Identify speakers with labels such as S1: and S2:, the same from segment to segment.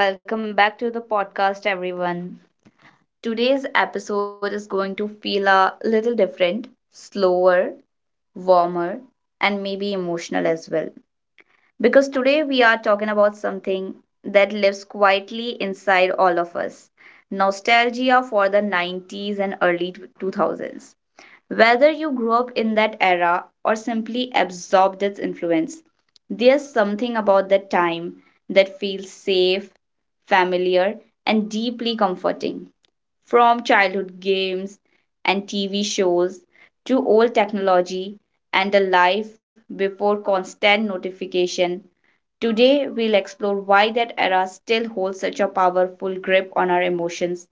S1: So, welcome back to the podcast, everyone. Today's episode is going to feel a little different, slower, warmer, and maybe emotional as well. Because today we are talking about something that lives quietly inside all of us nostalgia for the 90s and early 2000s. Whether you grew up in that era or simply absorbed its influence, there's something about that time that feels safe, familiar, and deeply comforting. From childhood games and TV shows to old technology and a life before constant notification, today we'll explore why that era still holds such a powerful grip on our emotions.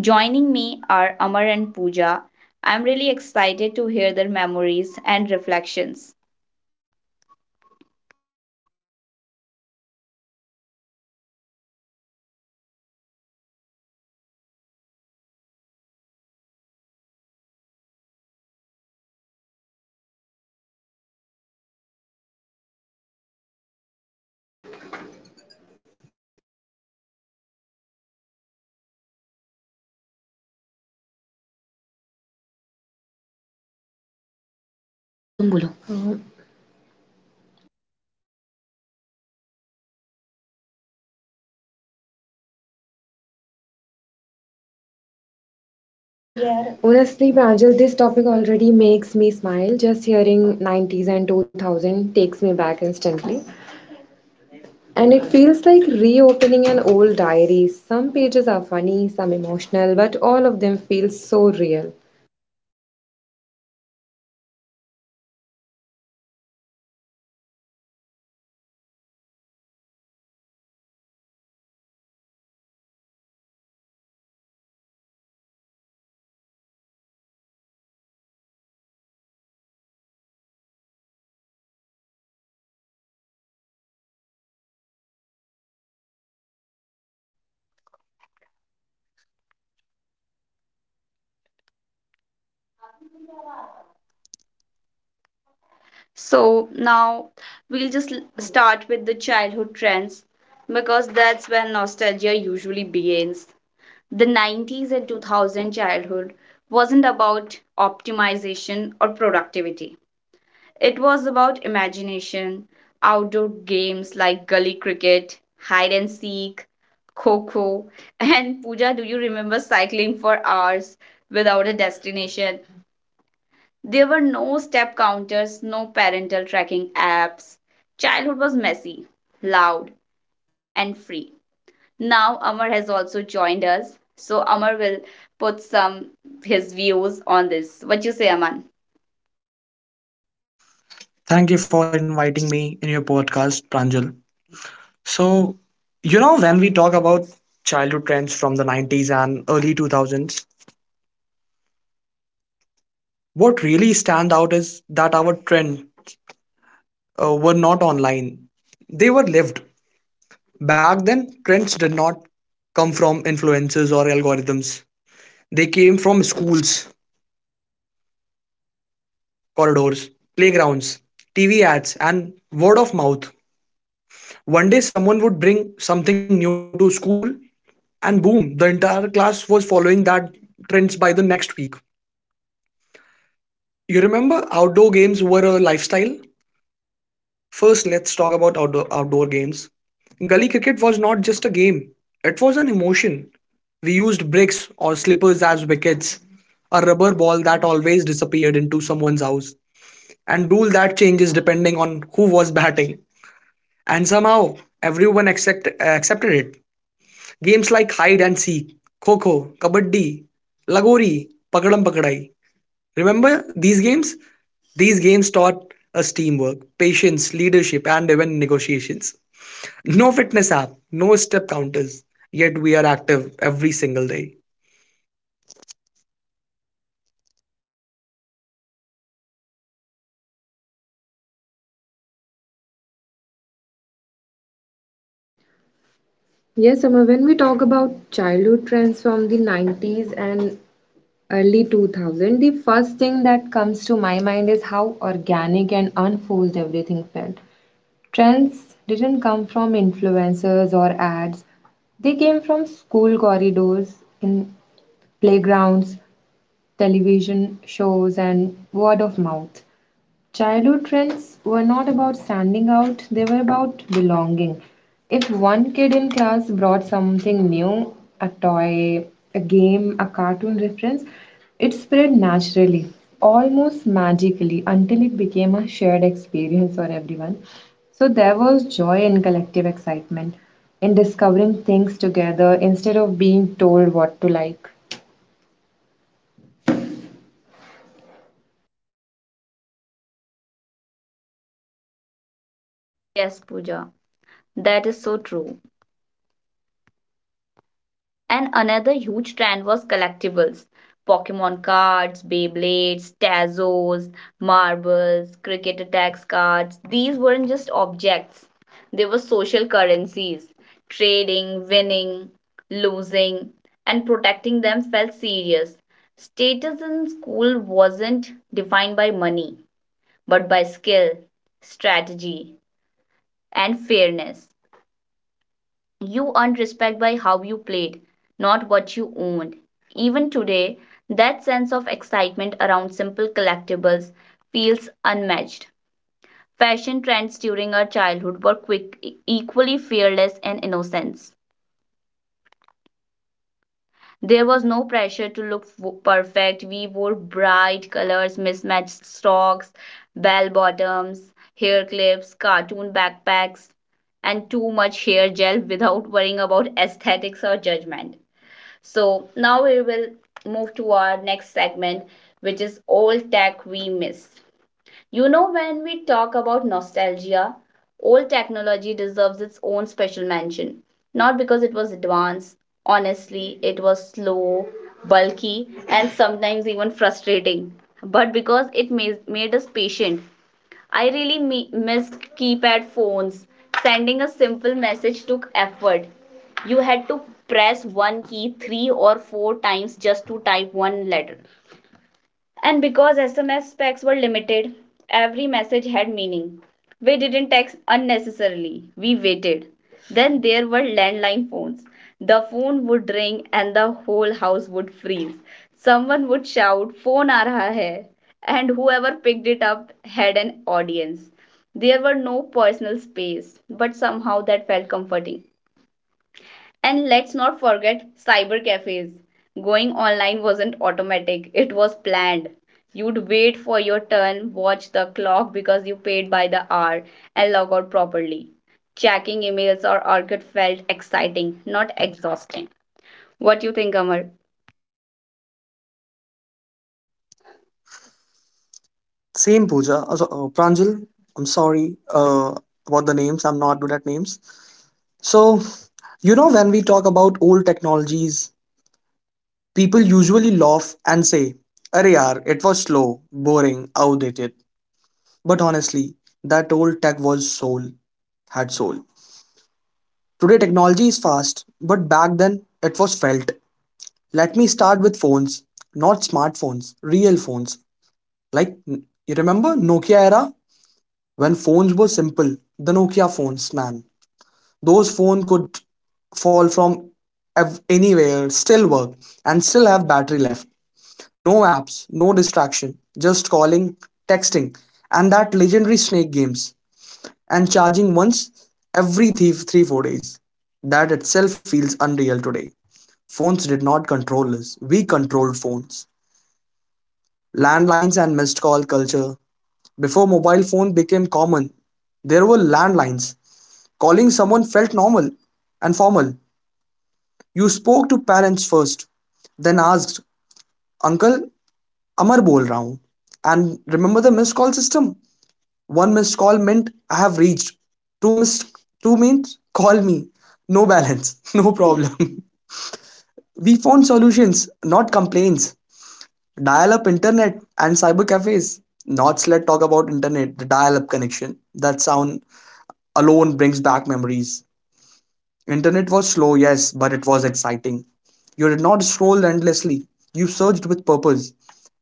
S1: Joining me are Amar and Pooja. I'm really excited to hear their memories and reflections.
S2: पूछा तुम बोलो ये तक pause हो गया यार. Honestly, Pranjal, this topic already makes me smile. Just hearing 90s and 2000 takes me back instantly. And it feels like reopening an old diary. Some pages are funny, some emotional, but all of them feel so real.
S1: So now we'll just start with the childhood trends because that's when nostalgia usually begins. The 90s and 2000 childhood wasn't about optimization or productivity. It was about imagination, outdoor games like gully cricket, hide and seek, coco, and Pooja, do you remember cycling for hours without a destination? There were no step counters, no parental tracking apps. Childhood was messy, loud, and free. Now Amar has also joined us, so Amar will put some his views on this. What you say, Aman?
S3: Thank you for inviting me in your podcast, Pranjal. So, you know, when we talk about childhood trends from the 90s and early 2000s, what really stand out is that our trend were not online. They were lived. Back then, trends did not come from influences or algorithms. They came from schools, corridors, playgrounds, TV ads, and word of mouth. One day, someone would bring something new to school, and boom the entire class was following that trends by the next week. You remember outdoor games were a lifestyle. First, let's talk about outdoor games. Gully cricket was not just a game. It was an emotion. We used bricks or slippers as wickets, a rubber ball that always disappeared into someone's house, and rule that changes depending on who was batting. And somehow everyone accepted it. Games like hide and seek, kho kho, kabaddi, lagori, pakadam pakadai. Remember these games? These games taught us teamwork, patience, leadership, and even negotiations. No fitness app, no step counters, yet we are active every single day.
S2: Yes, Amma, when we talk about childhood trends from the 90s and early 2000, the first thing that comes to my mind is how organic and unforced everything felt. Trends didn't come from influencers or ads, they came from school corridors, in playgrounds, television shows, and word of mouth. Childhood trends were not about standing out, they were about belonging. If one kid in class brought something new, a toy, a game, a cartoon reference, it spread naturally, almost magically, until it became a shared experience for everyone. So there was joy in collective excitement, in discovering things together instead of being told what to like.
S1: Yes, Pooja, that is so true. And another huge trend was collectibles. Pokemon cards, Beyblades, Tazos, marbles, cricket attacks cards. These weren't just objects, they were social currencies. Trading, winning, losing, and protecting them felt serious. Status in school wasn't defined by money, but by skill, strategy, and fairness. You earned respect by how you played, not what you owned. Even today, that sense of excitement around simple collectibles feels unmatched. Fashion trends during our childhood were quick, equally fearless and innocent. There was no pressure to look perfect. We wore bright colors, mismatched socks, bell bottoms, hair clips, cartoon backpacks, and too much hair gel without worrying about aesthetics or judgment. So now we will move to our next segment, which is old tech we miss. You know, when we talk about nostalgia, old technology deserves its own special mention. Not because it was advanced, honestly, it was slow, bulky, and sometimes even frustrating, but because it made us patient. I really missed keypad phones. Sending a simple message took effort. You had to press one key three or four times just to type one letter. And because SMS specs were limited, every message had meaning. We didn't text unnecessarily, we waited. Then there were landline phones. The phone would ring and the whole house would freeze. Someone would shout, "Phone aa raha hai." And whoever picked it up had an audience. There were no personal space, but somehow that felt comforting. And let's not forget cyber cafes. Going online wasn't automatic, it was planned. You'd wait for your turn, watch the clock because you paid by the hour, and log out properly. Checking emails or orchid felt exciting, not exhausting. What do you think, Amar?
S3: Same, Pooja. Pranjal, I'm sorry about the names. I'm not good at names. So, you know, when we talk about old technologies, people usually laugh and say, are yaar, it was slow, boring, outdated. But honestly, that old tech was soul, had soul. Today technology is fast, but back then it was felt. Let me start with phones, not smartphones, real phones. Like, you remember Nokia era? When phones were simple, the Nokia phones, man. Those phones could fall from anywhere, still work, and still have battery left. No apps, no distraction, just calling, texting, and that legendary snake games, and charging once every 3 4 days. That itself feels unreal today. Phones did not control us, we controlled phones. Landlines and missed call culture. Before mobile phone became common, there were landlines. Calling someone felt normal and formal. You spoke to parents first, then asked, "Uncle, Amar bol raha hoon." And remember the missed call system? One missed call meant I have reached. Two missed two means call me. No balance, no problem. we found solutions, not complaints. Dial up internet and cyber cafes. Not let talk about internet, the dial up connection. That sound alone brings back memories. Internet was slow, yes, but it was exciting. You did not scroll endlessly. You searched with purpose.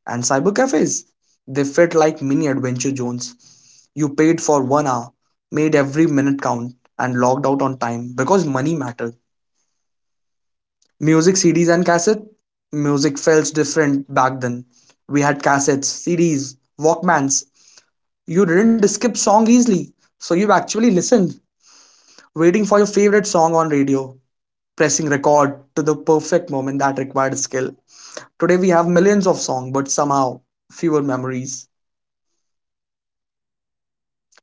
S3: And cyber cafes, they felt like mini adventure zones. You paid for 1 hour, made every minute count, and logged out on time because money mattered. Music CDs and cassette? Music felt different back then. We had cassettes, CDs, Walkmans. You didn't skip song easily, so you actually listened, waiting for your favorite song on radio, pressing record to the perfect moment that required skill. Today we have millions of songs, but somehow fewer memories.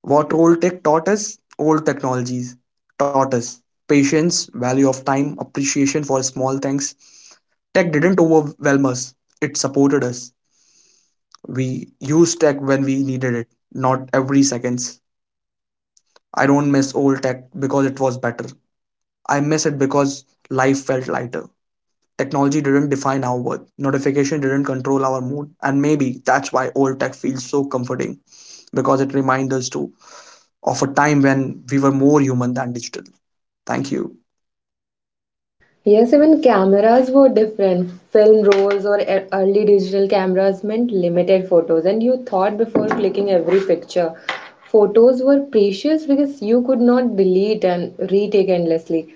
S3: What old tech taught us? Old technologies taught us patience, value of time, appreciation for small things. Tech didn't overwhelm us, it supported us. We used tech when we needed it, not every seconds. I don't miss old tech because it was better. I miss it because life felt lighter. Technology didn't define our worth. Notification didn't control our mood. And maybe that's why old tech feels so comforting because it reminds us to of a time when we were more human than digital. Thank you.
S2: Yes, even cameras were different. Film rolls or early digital cameras meant limited photos, and you thought before clicking every picture. Photos were precious because you could not delete and retake endlessly.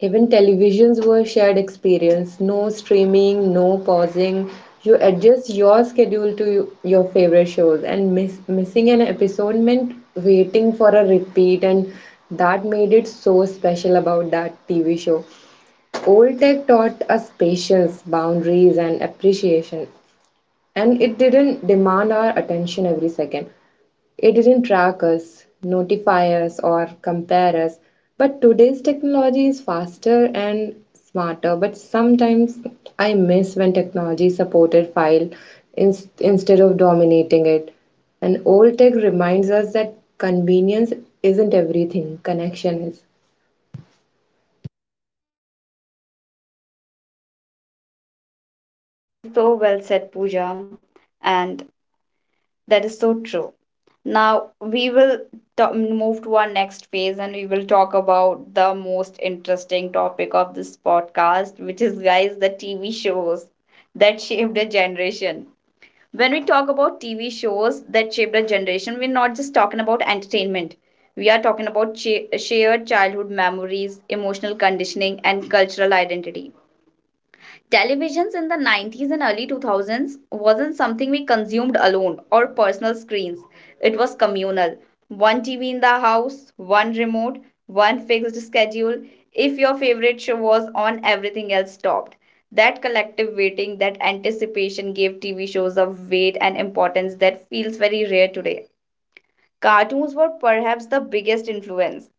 S2: Even televisions were shared experience. No streaming, no pausing. You adjust your schedule to your favorite shows, and missing an episode meant waiting for a repeat, and that made it so special about that TV show. Old tech taught us patience, boundaries, and appreciation. And it didn't demand our attention every second. It didn't track us, notify us, or compare us. But today's technology is faster and smarter. But sometimes I miss when technology supported file in, instead of dominating it. And old tech reminds us that convenience isn't everything, connection is.
S1: So well said, Pooja. And that is so true. Now we will move to our next phase and we will talk about the most interesting topic of this podcast, which is, guys, the TV shows that shaped a generation. When we talk about TV shows that shaped a generation, we're not just talking about entertainment. We are talking about shared childhood memories, emotional conditioning, and cultural identity. Televisions in the 90s and early 2000s wasn't something we consumed alone or personal screens. It was communal. One TV in the house, one remote, one fixed schedule. If your favorite show was on, everything else stopped. That collective waiting, that anticipation gave TV shows a weight and importance that feels very rare today. Cartoons were perhaps the biggest influence.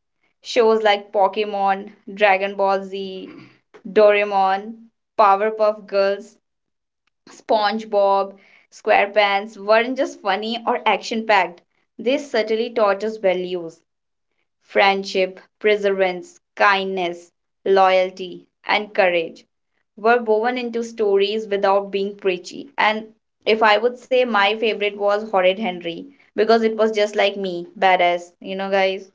S1: Shows like Pokemon, Dragon Ball Z, Doraemon, Powerpuff Girls, SpongeBob, SquarePants weren't just funny or action packed, they certainly taught us values. Friendship, perseverance, kindness, loyalty, and courage were woven into stories without being preachy. And if I would say my favorite was Horrid Henry because it was just like me, badass, you know, guys.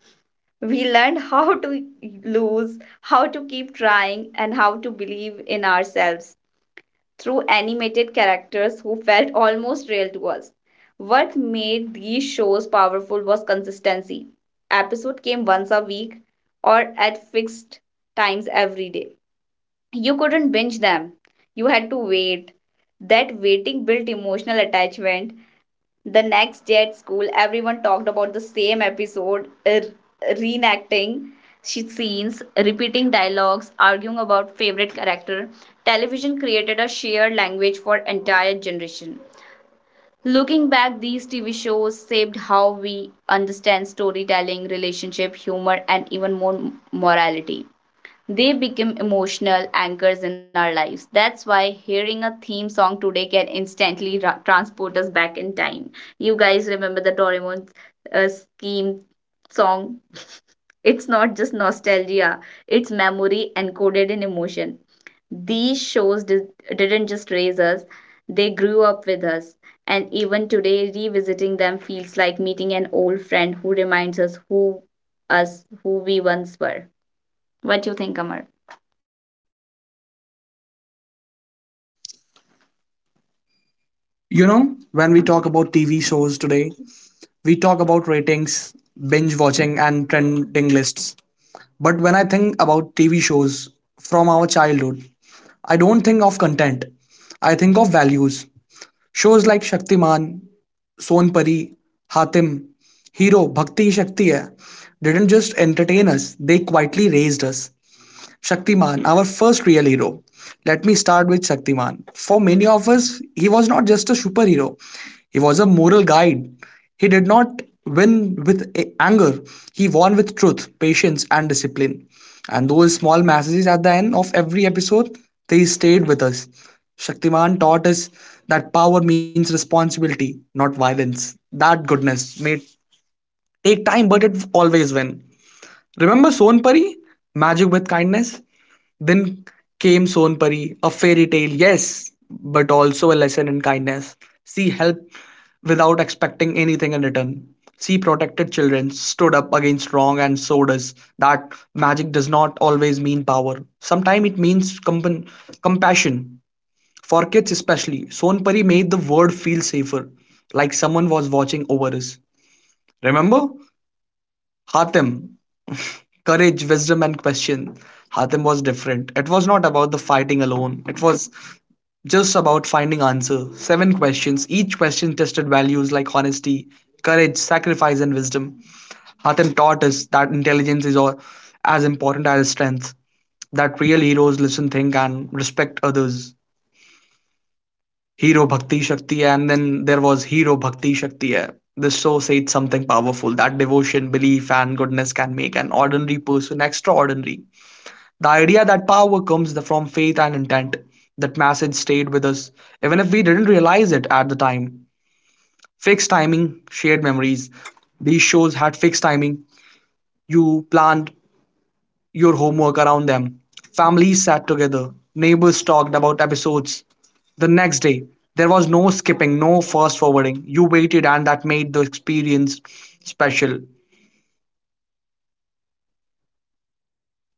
S1: We learned how to lose, how to keep trying, and how to believe in ourselves through animated characters who felt almost real to us. What made these shows powerful was consistency. Episode came once a week or at fixed times every day. You couldn't binge them. You had to wait. That waiting built emotional attachment. The next day at school, everyone talked about the same episode, reenacting scenes, repeating dialogues, arguing about favorite character. Television created a shared language for entire generation. Looking back, these TV shows shaped how we understand storytelling, relationship, humor, and even more morality. They become emotional anchors in our lives. That's why hearing a theme song today can instantly transport us back in time. You guys remember the Doraemon scheme song? It's not just nostalgia, it's memory encoded in emotion. These shows didn't just raise us, they grew up with us. And even today, revisiting them feels like meeting an old friend who reminds us who we once were. What do you think, Amar?
S3: You know, when we talk about TV shows today, we talk about ratings, binge watching, and trending lists. But when I think about TV shows from our childhood, I don't think of content. I think of values. Shows like Shaktiman, Sonpari, Hatim, Hero, Bhakti Shakti Hai didn't just entertain us, they quietly raised us. Shaktiman, our first real hero. Let me start with Shaktiman. For many of us, he was not just a superhero, he was a moral guide. He did not win with anger, he won with truth, patience, and discipline. And those small messages at the end of every episode, they stayed with us. Shaktiman taught us that power means responsibility, not violence. That goodness may take time, but it always wins. Remember Sonpari? Magic with kindness? Then came Sonpari, a fairy tale, yes, but also a lesson in kindness. She helped without expecting anything in return. She protected children, stood up against wrong, and showed us that magic does not always mean power. Sometimes it means compassion. For kids, especially, Sonpari made the world feel safer, like someone was watching over us. Remember? Hatim, courage, wisdom, and question. Hatem was different. It was not about the fighting alone. It was just about finding answer. Seven questions. Each question tested values like honesty, courage, sacrifice, and wisdom. Hatem taught us that intelligence is all, as important as strength. That real heroes listen, think, and respect others. Hero Bhakti Shakti, hai, and then there was Hero Bhakti Shakti. Hai. This show said something powerful that devotion, belief, and goodness can make an ordinary person extraordinary. The idea that power comes from faith and intent. That message stayed with us, even if we didn't realize it at the time. Fixed timing, shared memories. These shows had fixed timing. You planned your homework around them. Families sat together. Neighbors talked about episodes. The next day, there was no skipping, no fast forwarding. You waited, and that made the experience special.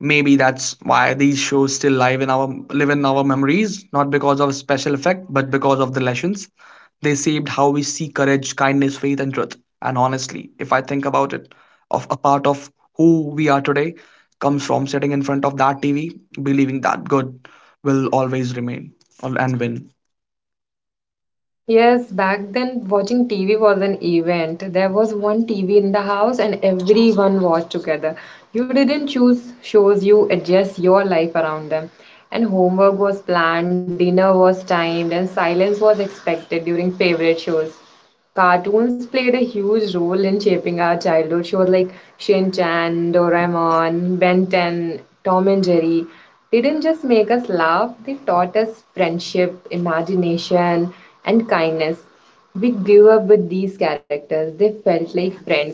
S3: Maybe that's why these shows still live in our memories, not because of special effect, but because of the lessons they saved how we see courage, kindness, faith, and truth. And honestly, if I think about it, of a part of who we are today comes from sitting in front of that TV, believing that good will always remain and win.
S2: Yes, back then watching TV was an event. There was one TV in the house and everyone watched together. You didn't choose shows, you adjust your life around them. And homework was planned, dinner was timed, and silence was expected during favorite shows. Cartoons played a huge role in shaping our childhood. Shows like Shin Chan, Doraemon, Ben 10, Tom and Jerry didn't just make us laugh, they taught us friendship, imagination, and kindness. We grew up with these characters. They felt like friends.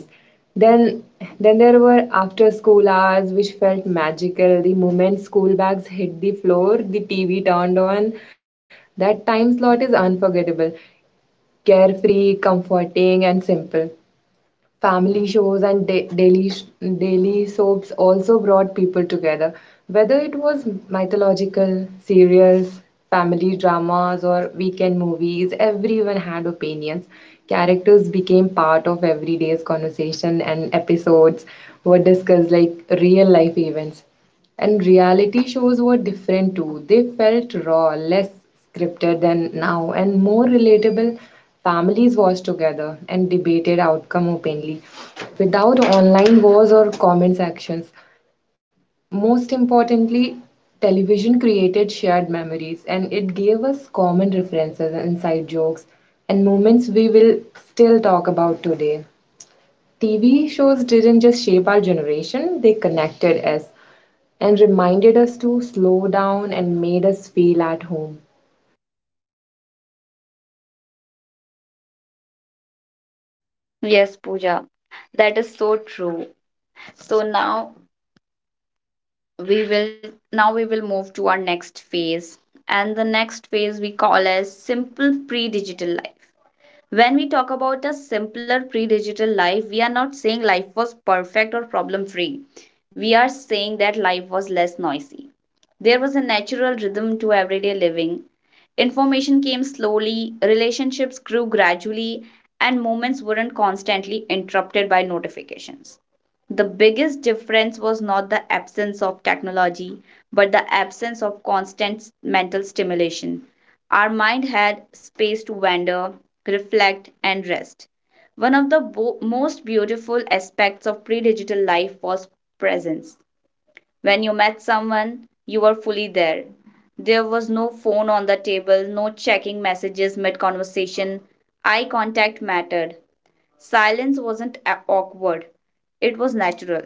S2: Then, then there were after school hours which felt magical. The moment school bags hit the floor, the TV turned on. That time slot is unforgettable, carefree, comforting, and simple. Family shows and daily soaps also brought people together. Whether it was mythological, serials, family dramas, or weekend movies, everyone had opinions. Characters became part of everyday's conversation, and episodes were discussed like real life events. And reality shows were different too. They felt raw, less scripted than now, and more relatable. Families watched together and debated outcome openly without online wars or comment sections. Most importantly, television created shared memories and it gave us common references, inside jokes, and moments we will still talk about today. TV shows didn't just shape our generation, they connected us and reminded us to slow down and made us feel at home.
S1: Yes, Pooja, that is so true. So now we will move to our next phase. And the next phase we call as simple pre-digital life. When we talk about a simpler pre-digital life, we are not saying life was perfect or problem-free. We are saying that life was less noisy. There was a natural rhythm to everyday living. Information came slowly, relationships grew gradually, and moments weren't constantly interrupted by notifications. The biggest difference was not the absence of technology, but the absence of constant mental stimulation. Our mind had space to wander, reflect, and rest. One of the most beautiful aspects of pre digital life was presence. When you met someone, you were fully there. There was no phone on the table, no checking messages mid conversation. Eye contact mattered. Silence wasn't awkward, it was natural.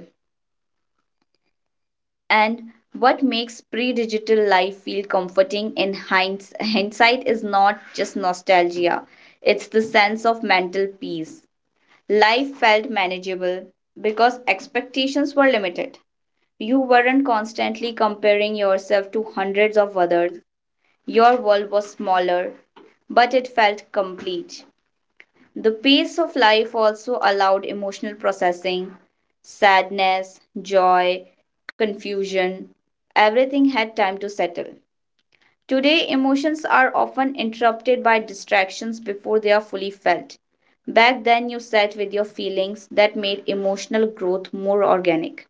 S1: And what makes pre digital life feel comforting in hindsight is not just nostalgia, it's the sense of mental peace. Life felt manageable because expectations were limited. You weren't constantly comparing yourself to hundreds of others. Your world was smaller, but it felt complete. The pace of life also allowed emotional processing, sadness, joy, confusion. Everything had time to settle. Today, emotions are often interrupted by distractions before they are fully felt. Back then, you sat with your feelings that made emotional growth more organic.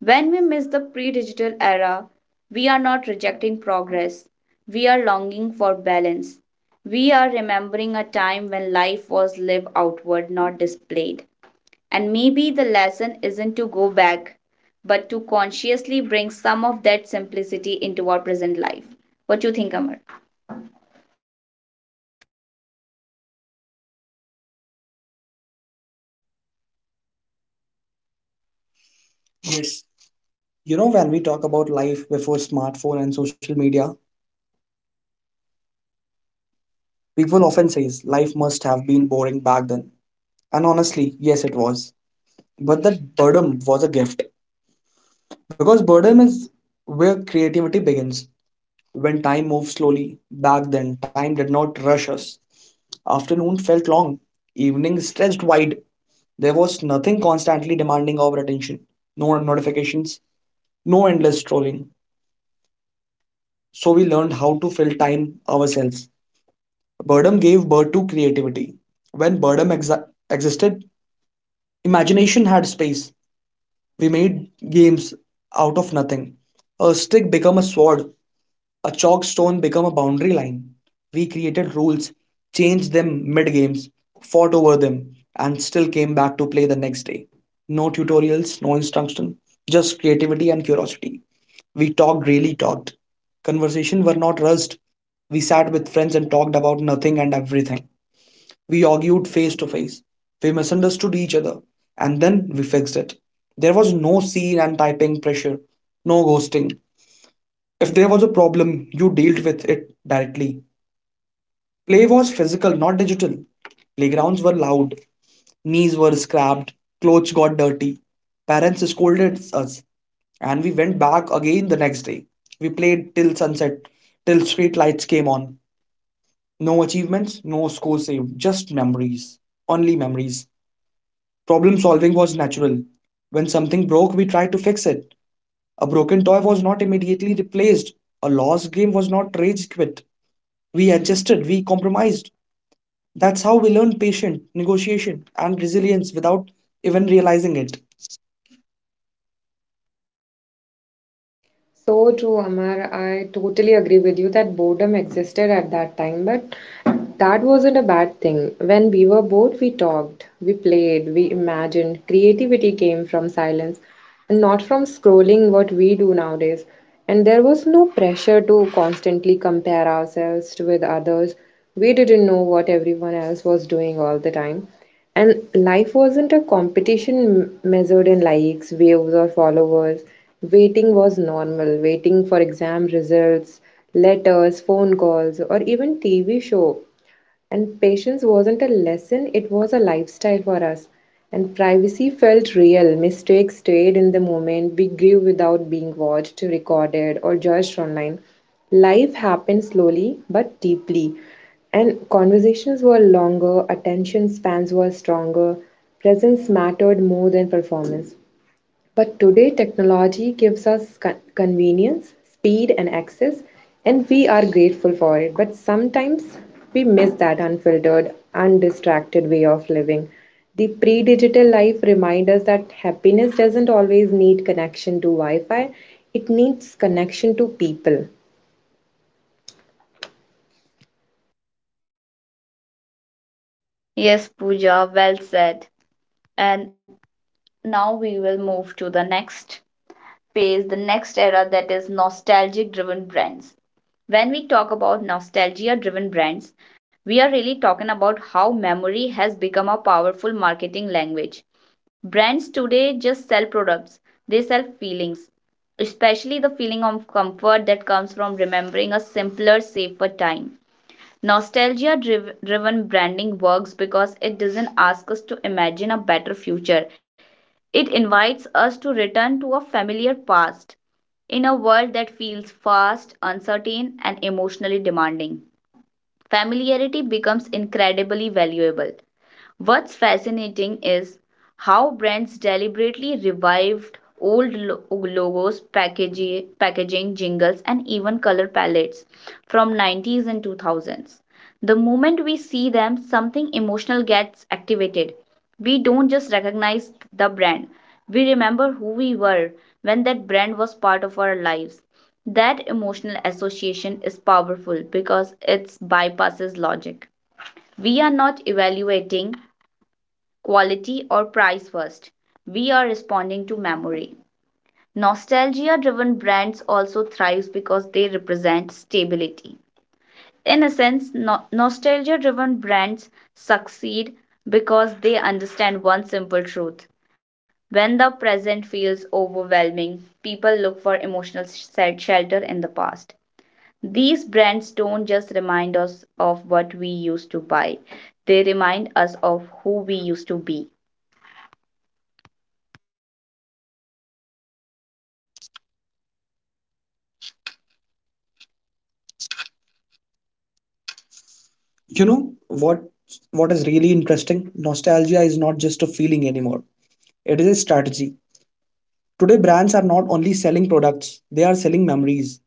S1: When we miss the pre digital era, we are not rejecting progress. We are longing for balance. We are remembering a time when life was lived outward, not displayed. And maybe the lesson isn't to go back, but to consciously bring some of that simplicity into our present life. What do you think, Amar?
S3: Yes, you know, when we talk about life before smartphone and social media, people often says life must have been boring back then. And honestly, yes, it was. But that boredom was a gift, because boredom is where creativity begins. When time moved slowly back then, time did not rush us. Afternoon felt long. Evening stretched wide. There was nothing constantly demanding our attention. No notifications, no endless scrolling. So we learned how to fill time ourselves. Boredom gave birth to creativity. When boredom existed, imagination had space. We made games out of nothing. A stick became a sword, a chalk stone became a boundary line. We created rules, changed them mid games, fought over them, and still came back to play the next day. No tutorials, no instruction, just creativity and curiosity. We talked, really talked. Conversations were not rushed. We sat with friends and talked about nothing and everything. We argued face to face. We misunderstood each other. And then we fixed it. There was no scene and typing pressure, no ghosting. If there was a problem, you dealt with it directly. Play was physical, not digital. Playgrounds were loud. Knees were scrapped. Clothes got dirty. Parents scolded us. And we went back again the next day. We played till sunset, till street lights came on. No achievements, no score saved, just memories. Only memories. Problem solving was natural. When something broke, we tried to fix it. A broken toy was not immediately replaced. A lost game was not rage quit. We adjusted, we compromised. That's how we learned patience, negotiation, and resilience without even realizing it.
S2: So true, Amar. I totally agree with you that boredom existed at that time, but that wasn't a bad thing. When we were bored, we talked, we played, we imagined. Creativity came from silence and not from scrolling what we do nowadays. And there was no pressure to constantly compare ourselves with others. We didn't know what everyone else was doing all the time. And life wasn't a competition measured in likes, views, or followers. Waiting was normal. Waiting for exam results, letters, phone calls, or even TV show, and patience wasn't a lesson, it was a lifestyle for us. And privacy felt real. Mistakes stayed in the moment. We grew without being watched, recorded, or judged online. Life happened slowly but deeply. And conversations were longer, attention spans were stronger, presence mattered more than performance. But today, technology gives us convenience, speed, and access, and we are grateful for it. But sometimes we miss that unfiltered, undistracted way of living. The pre digital life reminds us that happiness doesn't always need connection to Wi Fi, it needs connection to people.
S1: Yes, Pooja, well said. And now we will move to the next face the next era that is nostalgic driven brands. When we talk about nostalgia driven brands, we are really talking about how memory has become a powerful marketing language. Brands today just sell products, they sell feelings, especially the feeling of comfort that comes from remembering a simpler, safer time. Nostalgia driven branding works because it doesn't ask us to imagine a better future. It invites us to return to a familiar past. In a world that feels fast, uncertain, and emotionally demanding, familiarity becomes incredibly valuable. What's fascinating is how brands deliberately revived old logos, packaging, jingles, and even color palettes from 90s and 2000s. The moment we see them, something emotional gets activated. We don't just recognize the brand, we remember who we were when that brand was part of our lives. That emotional association is powerful because it bypasses logic. We are not evaluating quality or price first. We are responding to memory. Nostalgia driven brands also thrive because they represent stability. In a sense, nostalgia driven brands succeed because they understand one simple truth. When the present feels overwhelming, people look for emotional shelter in the past. These brands don't just remind us of what we used to buy, they remind us of who we used to be.
S3: You know what is really interesting? Nostalgia is not just a feeling anymore. It is a strategy. Today, brands are not only selling products, they are selling memories.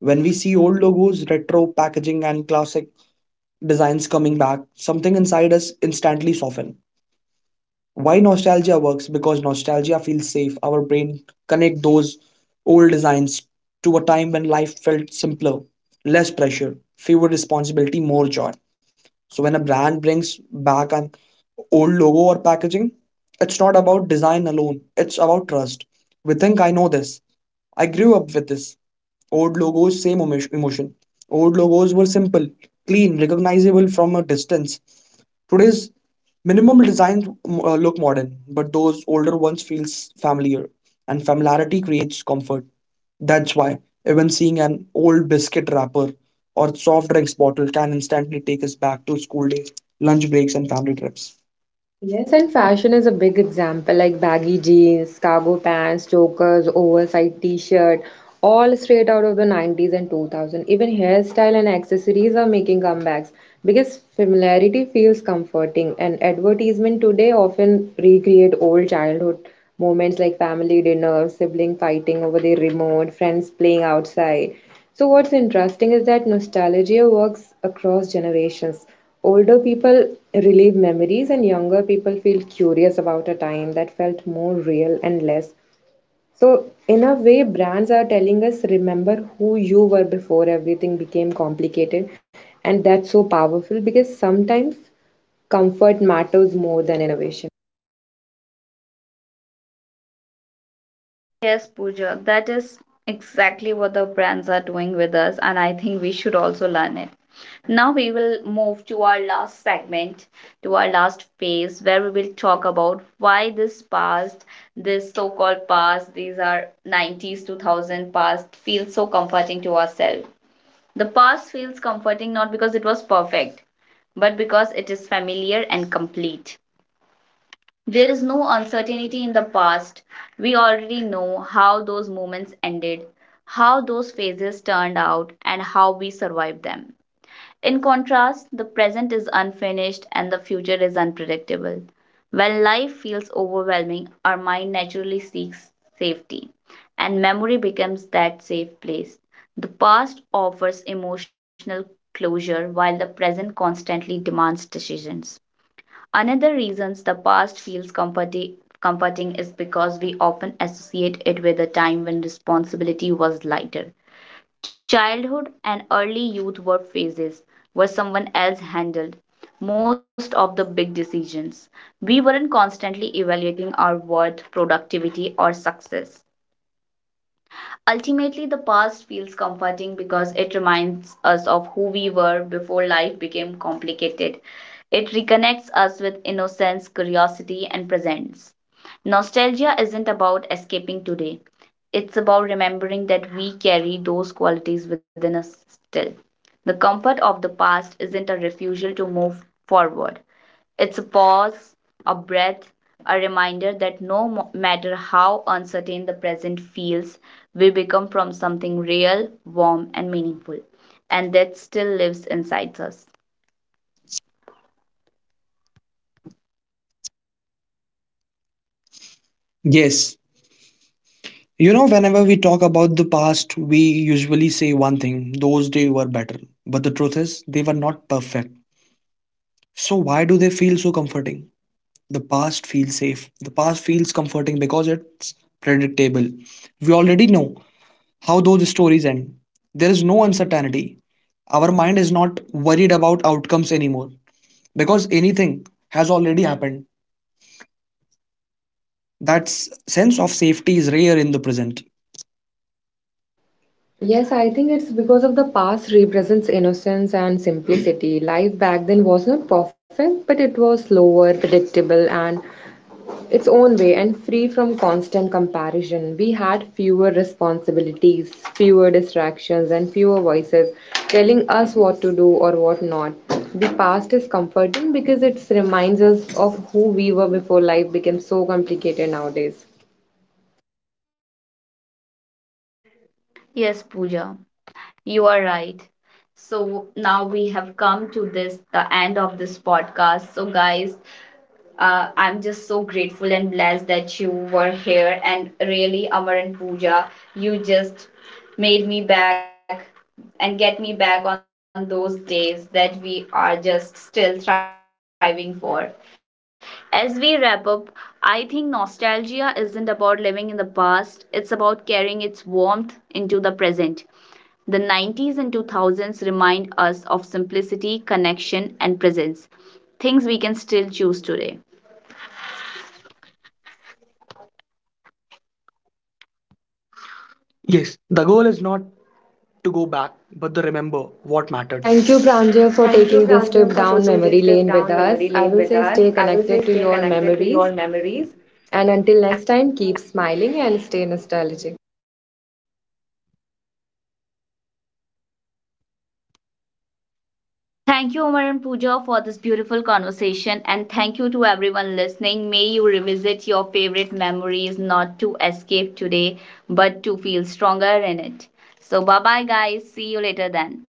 S3: When we see old logos, retro packaging, and classic designs coming back, something inside us instantly soften. Why nostalgia works? Because nostalgia feels safe. Our brain connect those old designs to a time when life felt simpler, less pressure, fewer responsibility, more joy. So when a brand brings back an old logo or packaging, it's not about design alone. It's about trust. We think I know this. I grew up with this. Old logos, same emotion. Old logos were simple, clean, recognizable from a distance. Today's minimum designs look modern, but those older ones feels familiar, and familiarity creates comfort. That's why even seeing an old biscuit wrapper or soft drinks bottle can instantly take us back to school days, lunch breaks, and family trips.
S2: Yes, and fashion is a big example like baggy jeans, cargo pants, chokers, oversized t-shirt, all straight out of the 90s and 2000. Even hairstyle and accessories are making comebacks because familiarity feels comforting, and advertisement today often recreate old childhood moments like family dinner, sibling fighting over the remote, friends playing outside. So what's interesting is that nostalgia works across generations. Older people relive memories, and younger people feel curious about a time that felt more real and less. So, in a way, brands are telling us remember who you were before everything became complicated, and that's so powerful because sometimes comfort matters more than innovation.
S1: Yes, Pooja, that is exactly what the brands are doing with us, and I think we should also learn it. Now we will move to our last segment, to our last phase, where we will talk about why this past, this so called past, these are 90s, 2000 past, feels so comforting to ourselves. The past feels comforting not because it was perfect, but because it is familiar and complete. There is no uncertainty in the past. We already know how those moments ended, how those phases turned out, and how we survived them. In contrast, the present is unfinished and the future is unpredictable. When life feels overwhelming, our mind naturally seeks safety, and memory becomes that safe place. The past offers emotional closure, while the present constantly demands decisions. Another reasons the past feels comforting is because we often associate it with a time when responsibility was lighter. Childhood and early youth were phases where someone else handled most of the big decisions. We weren't constantly evaluating our worth, productivity, or success. Ultimately, the past feels comforting because it reminds us of who we were before life became complicated. It reconnects us with innocence, curiosity, and presence. Nostalgia isn't about escaping today, it's about remembering that we carry those qualities within us still. The comfort of the past isn't a refusal to move forward, it's a pause, a breath, a reminder that no matter how uncertain the present feels, we become from something real, warm, and meaningful, and that still lives inside us.
S3: Yes. You know, whenever we talk about the past, we usually say one thing those days were better. But the truth is, they were not perfect. So, why do they feel so comforting? The past feels safe. The past feels comforting because it's predictable. We already know how those stories end. There is no uncertainty. Our mind is not worried about outcomes anymore because anything has already happened. That sense of safety is rare in the present.
S2: Yes, I think it's because of the past represents innocence and simplicity. Life back then was not perfect, but it was slower, predictable, and its own way and free from constant comparison. We had fewer responsibilities, fewer distractions, and fewer voices telling us what to do or what not. The past is comforting because it reminds us of who we were before life became so complicated nowadays.
S1: Yes, Pooja, you are right. So now we have come to this the end of this podcast. So guys, I'm just so grateful and blessed that you were here. And really, Amar and Pooja, you just made me back and get me back on those days that we are just still thriving for. As we wrap up, I think nostalgia isn't about living in the past, it's about carrying its warmth into the present. The 90s and 2000s remind us of simplicity, connection, and presence, things we can still choose today. Yes, the goal is not to go back, but the remember what mattered.
S2: Thank
S1: Thank
S2: you,
S1: you, Pranjal,
S2: Pranja,
S1: for
S2: for
S1: taking
S2: taking this
S1: this trip
S2: trip
S1: down
S2: down memory
S1: memory lane
S2: lane
S1: with
S2: with
S1: us.
S2: us. I
S1: I
S2: will
S1: will
S2: say
S1: say
S2: stay
S1: stay
S2: connected
S1: connected
S2: to
S1: to
S2: your
S1: your memories.
S2: memories. And until next time, keep smiling and stay nostalgic.
S1: Thank you, Omar and Pooja, for this beautiful conversation. And thank you to everyone listening. May you revisit your favorite memories, not to escape today, but to feel stronger in it. So, bye bye, guys. See you later then.